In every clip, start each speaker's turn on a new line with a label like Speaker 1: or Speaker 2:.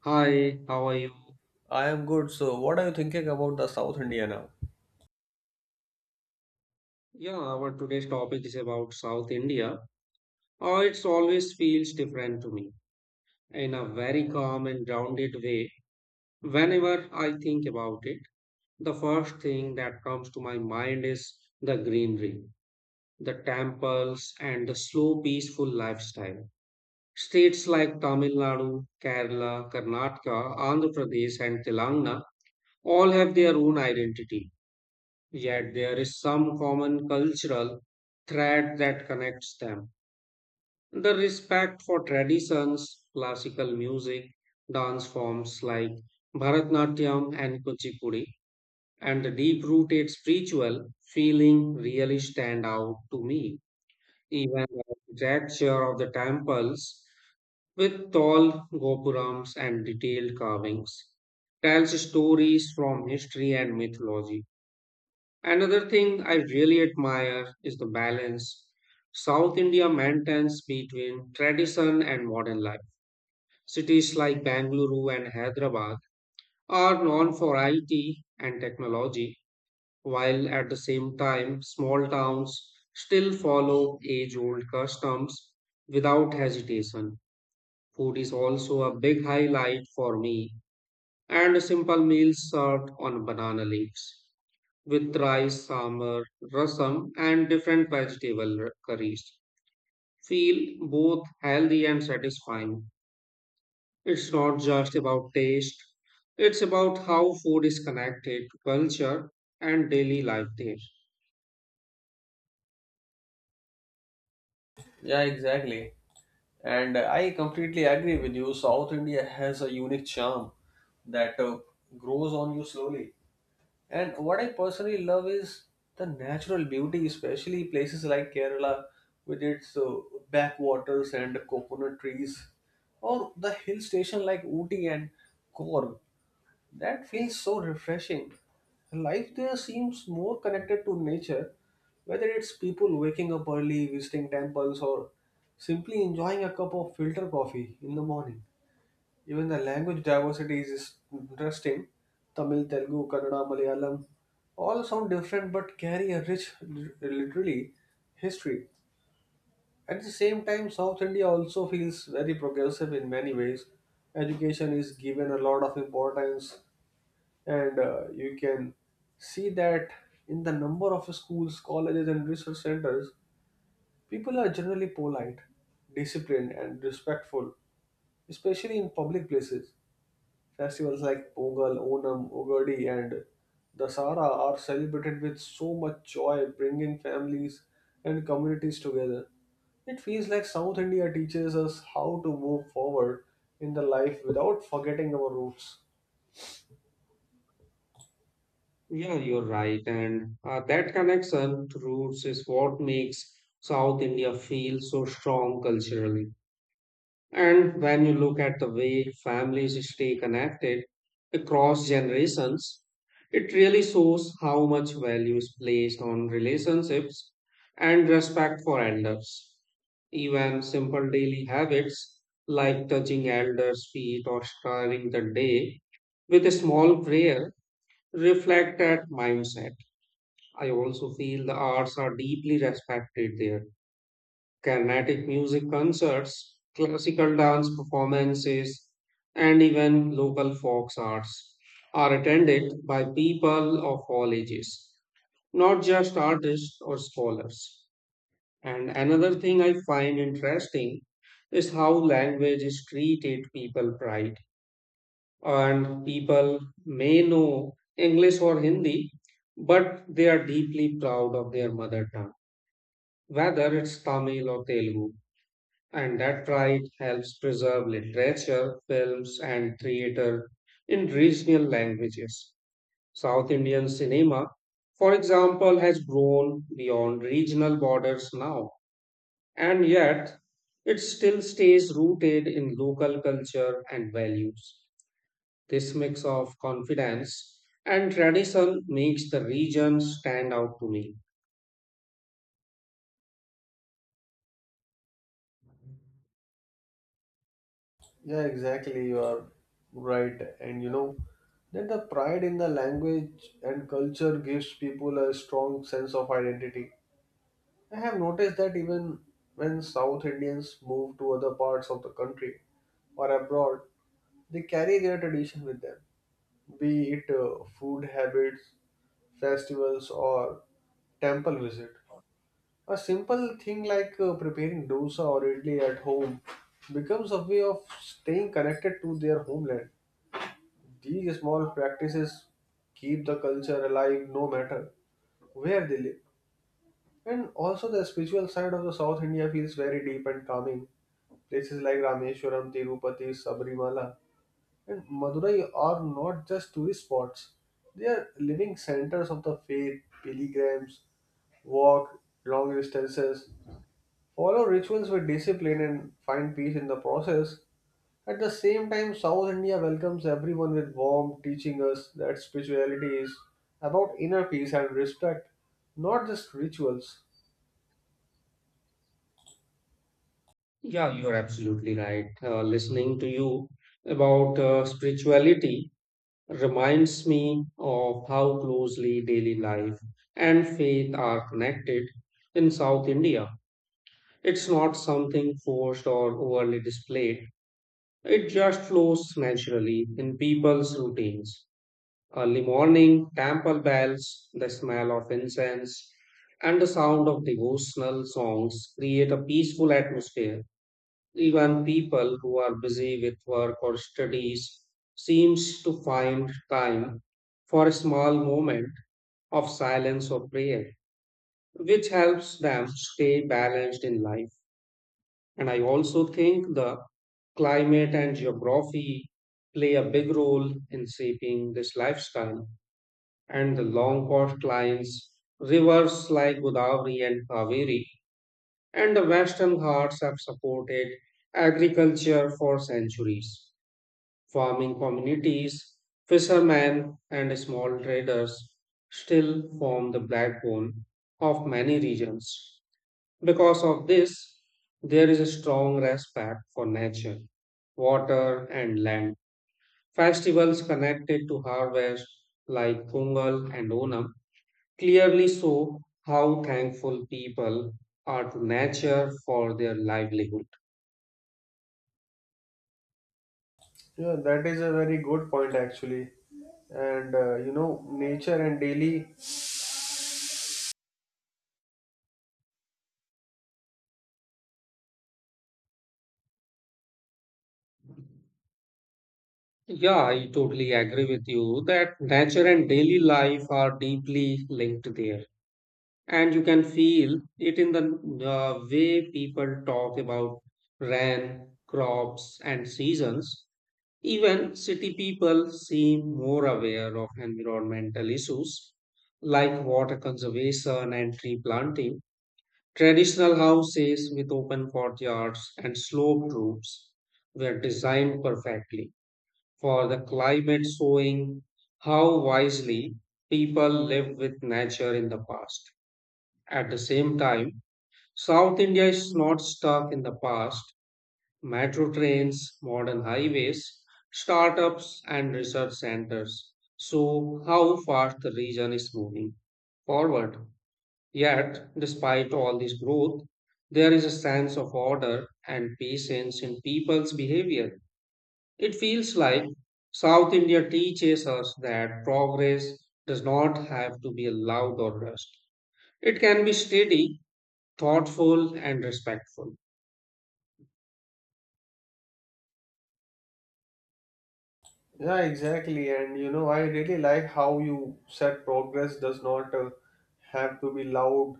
Speaker 1: Hi, how are you?
Speaker 2: I am good. So, what are you thinking about the South India now?
Speaker 1: Yeah, our today's topic is about South India. Oh, it's always feels different to me in a very calm and grounded way. Whenever I think about it, the first thing that comes to my mind is the greenery, the temples, and the slow, peaceful lifestyle. States like Tamil Nadu, Kerala, Karnataka, Andhra Pradesh, and Telangana all have their own identity. Yet there is some common cultural thread that connects them. The respect for traditions, classical music, dance forms like Bharatnatyam and Kuchipudi, and the deep rooted spiritual feeling really stand out to me. Even the architecture of the temples, with tall gopurams and detailed carvings, tells stories from history and mythology. Another thing I really admire is the balance South India maintains between tradition and modern life. Cities like Bangalore and Hyderabad are known for IT and technology, while at the same time, small towns still follow age old customs without hesitation. Food is also a big highlight for me, and simple meals served on banana leaves with rice, sambar, rasam, and different vegetable curries. Feel both healthy and satisfying. It's not just about taste, it's about how food is connected to culture and daily life there.
Speaker 2: Yeah, exactly. And I completely agree with you. South India has a unique charm that grows on you slowly. And what I personally love is the natural beauty, especially places like Kerala with its backwaters and coconut trees, or the hill station like Ooty and Korg. That feels so refreshing. Life there seems more connected to nature, whether it's people waking up early, visiting temples, or simply enjoying a cup of filter coffee in the morning. Even the language diversity is interesting. Tamil, Telugu, Kannada, Malayalam all sound different but carry a rich, literally, history. At the same time, South India also feels very progressive in many ways. Education is given a lot of importance and you can see that in the number of schools, colleges, and research centers, people are generally polite, disciplined, and respectful, especially in public places. Festivals like Pongal, Onam, Ugadi, and Dasara are celebrated with so much joy, bringing families and communities together. It feels like South India teaches us how to move forward in the life without forgetting our roots.
Speaker 1: Yeah, you're right. And that connection to roots is what makes South India feel so strong culturally. And when you look at the way families stay connected across generations, it really shows how much value is placed on relationships and respect for elders. Even simple daily habits like touching elders' feet or starting the day with a small prayer reflect that mindset. I also feel the arts are deeply respected there. Carnatic music concerts, classical dance performances, and even local folk arts are attended by people of all ages, not just artists or scholars. And another thing I find interesting is how language is treated people pride. And people may know English or Hindi, but they are deeply proud of their mother tongue, whether it's Tamil or Telugu and that right helps preserve literature, films, and theater in regional languages. South Indian cinema, for example, has grown beyond regional borders now, and yet it still stays rooted in local culture and values. This mix of confidence and tradition makes the region stand out to me.
Speaker 2: Yeah, exactly. You are right. And you know, then the pride in the language and culture gives people a strong sense of identity. I have noticed that even when South Indians move to other parts of the country or abroad, they carry their tradition with them, be it food habits, festivals, or temple visit. A simple thing like preparing dosa or idli at home becomes a way of staying connected to their homeland. These small practices keep the culture alive no matter where they live. And also the spiritual side of the South India feels very deep and calming. Places like Rameshwaram, Tirupati, Sabrimala, and Madurai are not just tourist spots. They are living centers of the faith. Pilgrims walk long distances, follow rituals with discipline, and find peace in the process. At the same time, South India welcomes everyone with warmth, teaching us that spirituality is about inner peace and respect, not just rituals.
Speaker 1: Yeah, you're absolutely right. Listening to you about spirituality reminds me of how closely daily life and faith are connected in South India. It's not something forced or overly displayed, it just flows naturally in people's routines. Early morning, temple bells, the smell of incense, and the sound of devotional songs create a peaceful atmosphere. Even people who are busy with work or studies seems to find time for a small moment of silence or prayer, which helps them stay balanced in life. And I also think the climate and geography play a big role in shaping this lifestyle. And the long coastlines, rivers like Godavari and Kaveri, and the Western Ghats have supported agriculture for centuries. Farming communities, fishermen, and small traders still form the backbone of many regions. Because of this, there is a strong respect for nature, water, and land. Festivals connected to harvest, like Pongal and Onam, clearly show how thankful people are to nature for their livelihood.
Speaker 2: Yeah, that is a very good point actually. And you know, nature and daily.
Speaker 1: Yeah, I totally agree with you that nature and daily life are deeply linked there. And you can feel it in the way people talk about rain, crops, and seasons. Even city people seem more aware of environmental issues like water conservation and tree planting. Traditional houses with open courtyards and sloped roofs were designed perfectly for the climate, showing how wisely people lived with nature in the past. At the same time, South India is not stuck in the past. Metro trains, modern highways, startups, and research centers show how fast the region is moving forward. Yet, despite all this growth, there is a sense of order and patience in people's behavior. It feels like South India teaches us that progress does not have to be loud or rushed. It can be steady, thoughtful, and respectful.
Speaker 2: Yeah, exactly. And you know, I really like how you said progress does not have to be loud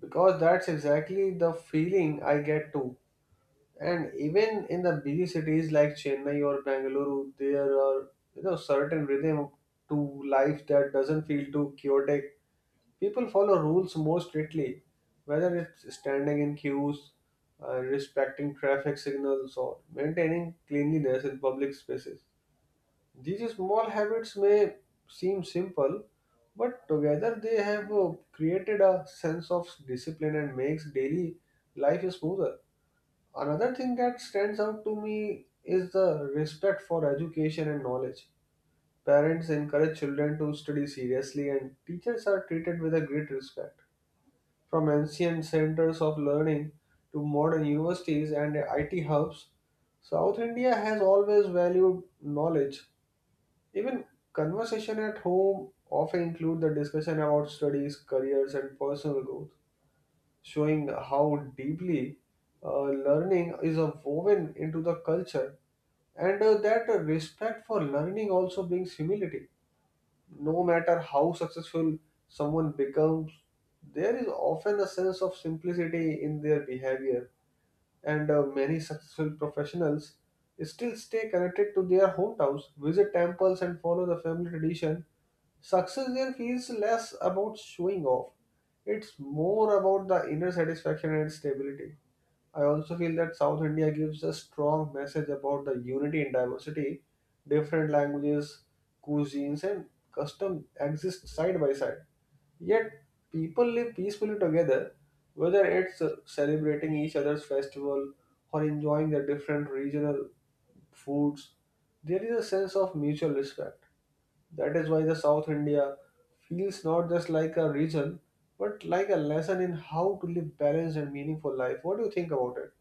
Speaker 2: because that's exactly the feeling I get too. And even in the busy cities like Chennai or Bangalore, there are you know certain rhythm to life that doesn't feel too chaotic. People follow rules more strictly, whether it's standing in queues, respecting traffic signals, or maintaining cleanliness in public spaces. These small habits may seem simple, but together they have created a sense of discipline and makes daily life smoother. Another thing that stands out to me is the respect for education and knowledge. Parents encourage children to study seriously, and teachers are treated with a great respect. From ancient centers of learning to modern universities and IT hubs, South India has always valued knowledge. Even conversation at home often include the discussion about studies, careers, and personal growth, showing how deeply learning is woven into the culture and that respect for learning also brings humility. No matter how successful someone becomes, there is often a sense of simplicity in their behavior, and many successful professionals still stay connected to their hometowns, visit temples, and follow the family tradition. Success there feels less about showing off, it's more about the inner satisfaction and stability. I also feel that South India gives a strong message about the unity and diversity. Different languages, cuisines, and custom exist side by side. Yet people live peacefully together, whether it's celebrating each other's festival or enjoying their different regional foods. There is a sense of mutual respect. That is why the South India feels not just like a region, but like a lesson in how to live balanced and meaningful life. What do you think about it?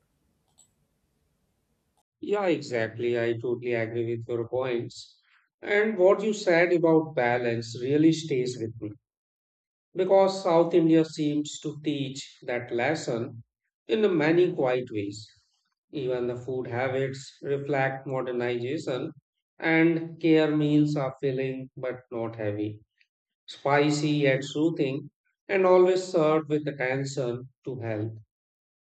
Speaker 1: Yeah, exactly. I totally agree with your points. And what you said about balance really stays with me because South India seems to teach that lesson in many quiet ways. Even the food habits reflect modernization, and care meals are filling but not heavy, spicy yet soothing, and always served with attention to health.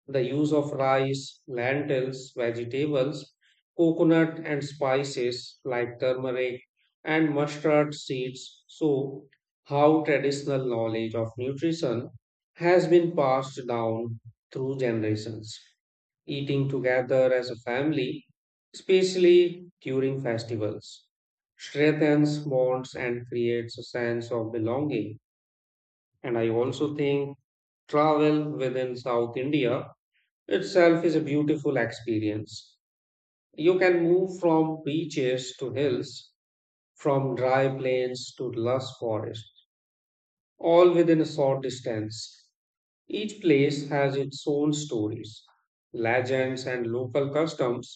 Speaker 1: The use of rice, lentils, vegetables, coconut and spices like turmeric and mustard seeds show how traditional knowledge of nutrition has been passed down through generations. Eating together as a family, especially during festivals, strengthens bonds and creates a sense of belonging. And I also think travel within South India itself is a beautiful experience. You can move from beaches to hills, from dry plains to lush forest, all within a short distance. Each place has its own stories, legends, and local customs.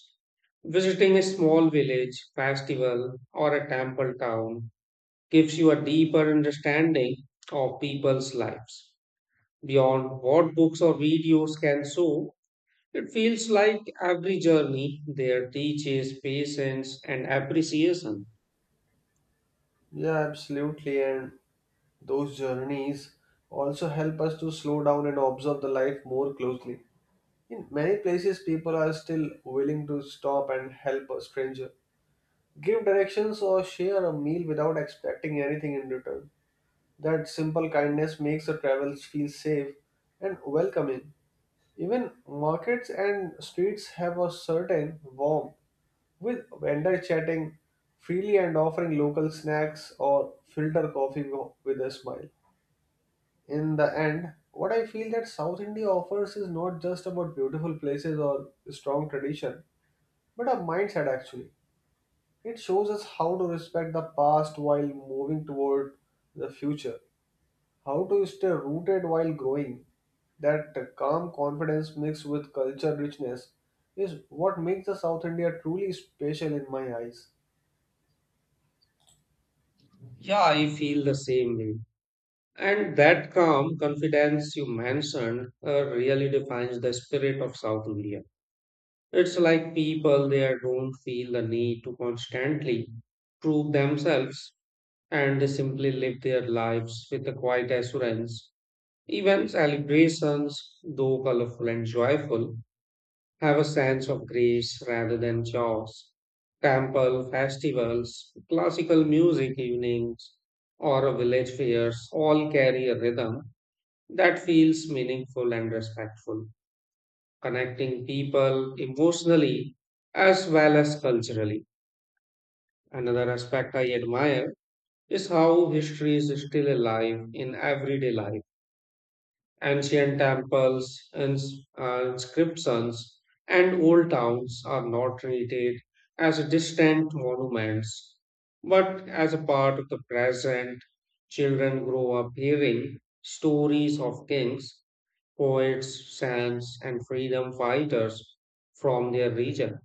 Speaker 1: Visiting a small village, festival, or a temple town gives you a deeper understanding of people's lives beyond what books or videos can show. It feels like every journey there teaches patience and appreciation.
Speaker 2: Yeah, absolutely. And those journeys also help us to slow down and observe the life more closely. In many places, people are still willing to stop and help a stranger, give directions, or share a meal without expecting anything in return. That simple kindness makes the travel feel safe and welcoming. Even markets and streets have a certain warmth, with vendors chatting freely and offering local snacks or filter coffee with a smile. In the end, what I feel that South India offers is not just about beautiful places or strong tradition but a mindset actually. It shows us how to respect the past while moving toward the future, how to stay rooted while growing. That calm confidence mixed with culture richness is what makes the South India truly special in my eyes.
Speaker 1: Yeah, I feel the same way. And that calm confidence you mentioned really defines the spirit of South India. It's like people there don't feel the need to constantly prove themselves and they simply live their lives with a quiet assurance. Even celebrations, though colorful and joyful, have a sense of grace rather than chores. Temple festivals, classical music evenings, or a village fairs all carry a rhythm that feels meaningful and respectful, connecting people emotionally as well as culturally. Another aspect I admire is how history is still alive in everyday life. Ancient temples, inscriptions, and old towns are not treated as distant monuments, but as a part of the present. Children grow up hearing stories of kings, poets, saints, and freedom fighters from their region.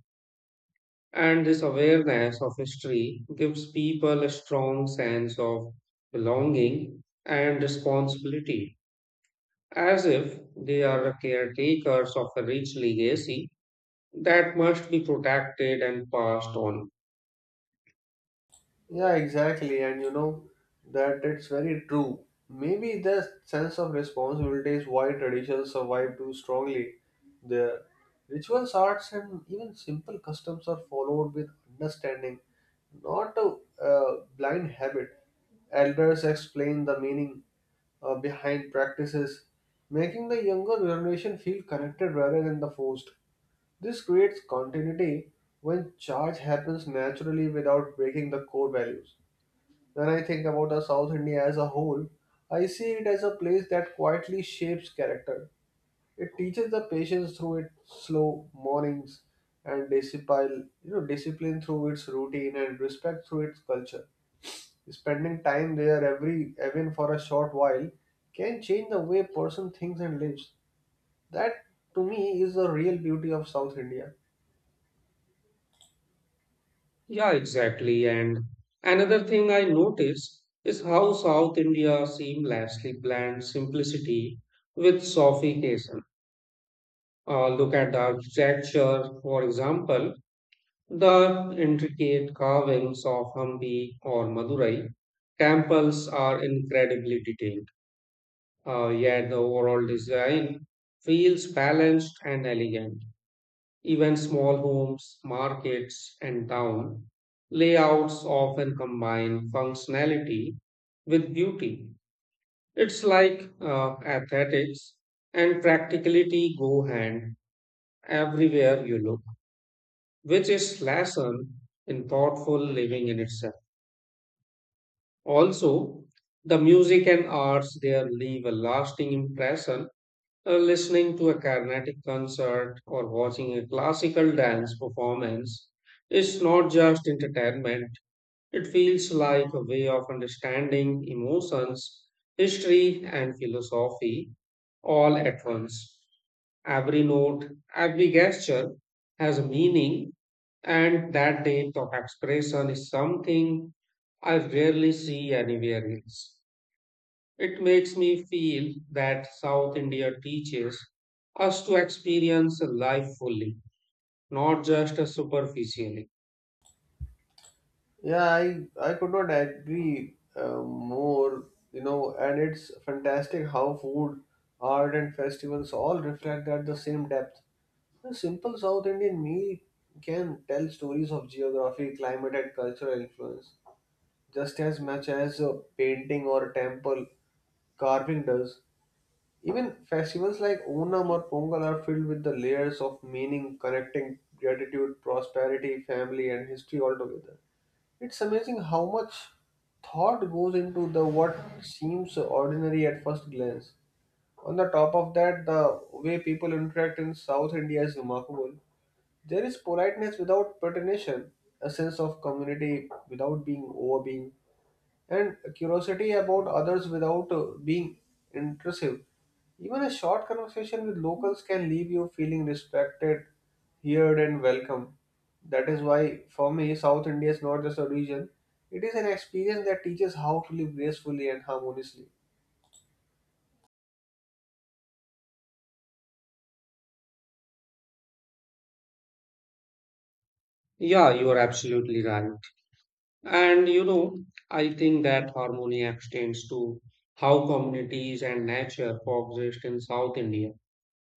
Speaker 1: And this awareness of history gives people a strong sense of belonging and responsibility as if they are the caretakers of a rich legacy that must be protected and passed on.
Speaker 2: Yeah, exactly. And you know that it's very true. Maybe the sense of responsibility is why traditions survive too strongly. The rituals, arts, and even simple customs are followed with understanding, not a blind habit. Elders explain the meaning behind practices, making the younger generation feel connected rather than the forced. This creates continuity when charge happens naturally without breaking the core values. When I think about the South India as a whole, I see it as a place that quietly shapes character. It teaches the patience through its slow mornings and discipline, you know, discipline through its routine and respect through its culture. Spending time there every even for a short while can change the way a person thinks and lives. That, to me, is the real beauty of South India.
Speaker 1: Yeah, exactly. And another thing I notice is how South India seamlessly blends simplicity with sophistication. Look at the architecture, for example, the intricate carvings of Hampi or Madurai. Temples are incredibly detailed. Yet the overall design feels balanced and elegant. Even small homes, markets, and town layouts often combine functionality with beauty. It's like aesthetics and practicality go hand everywhere you look, which is lesson in thoughtful living in itself. Also, the music and arts there leave a lasting impression. Listening to a Carnatic concert or watching a classical dance performance is not just entertainment, it feels like a way of understanding emotions, history, and philosophy all at once. Every note, every gesture has a meaning, and that depth of expression is something I rarely see anywhere else. It makes me feel that South India teaches us to experience life fully, not just superficially.
Speaker 2: Yeah, I could not agree more. You know, and it's fantastic how food, art, and festivals all reflect at the same depth. A simple South Indian meal can tell stories of geography, climate, and cultural influence, just as much as a painting or a temple carving does. Even festivals like Onam or Pongal are filled with the layers of meaning, connecting gratitude, prosperity, family, and history altogether. It's amazing how much thought goes into the what seems ordinary at first glance. On the top of that, the way people interact in South India is remarkable. There is politeness without pretension, a sense of community without being overbearing, and curiosity about others without being intrusive. Even a short conversation with locals can leave you feeling respected, heard, and welcome. That is why, for me, South India is not just a region, it is an experience that teaches how to live gracefully and harmoniously.
Speaker 1: Yeah, you are absolutely right. And you know, I think that harmony extends to how communities and nature coexist in South India.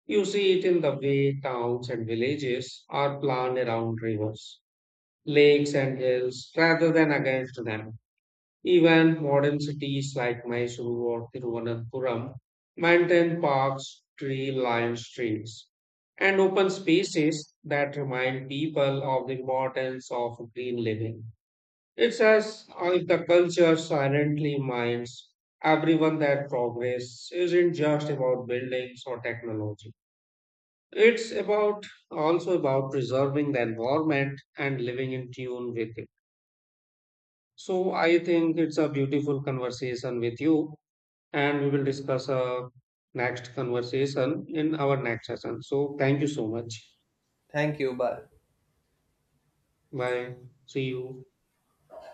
Speaker 1: You see it in the way towns and villages are planned around rivers, lakes, and hills rather than against them. Even modern cities like Mysuru or Thiruvananthapuram maintain parks, tree lined streets, and open spaces that remind people of the importance of green living. It's as if the culture silently reminds everyone that progress isn't just about buildings or technology. It's about also about preserving the environment and living in tune with it. So I think it's a beautiful conversation with you and we will discuss next conversation in our next session. So thank you so much.
Speaker 2: Thank you. Bye.
Speaker 1: Bye. See you.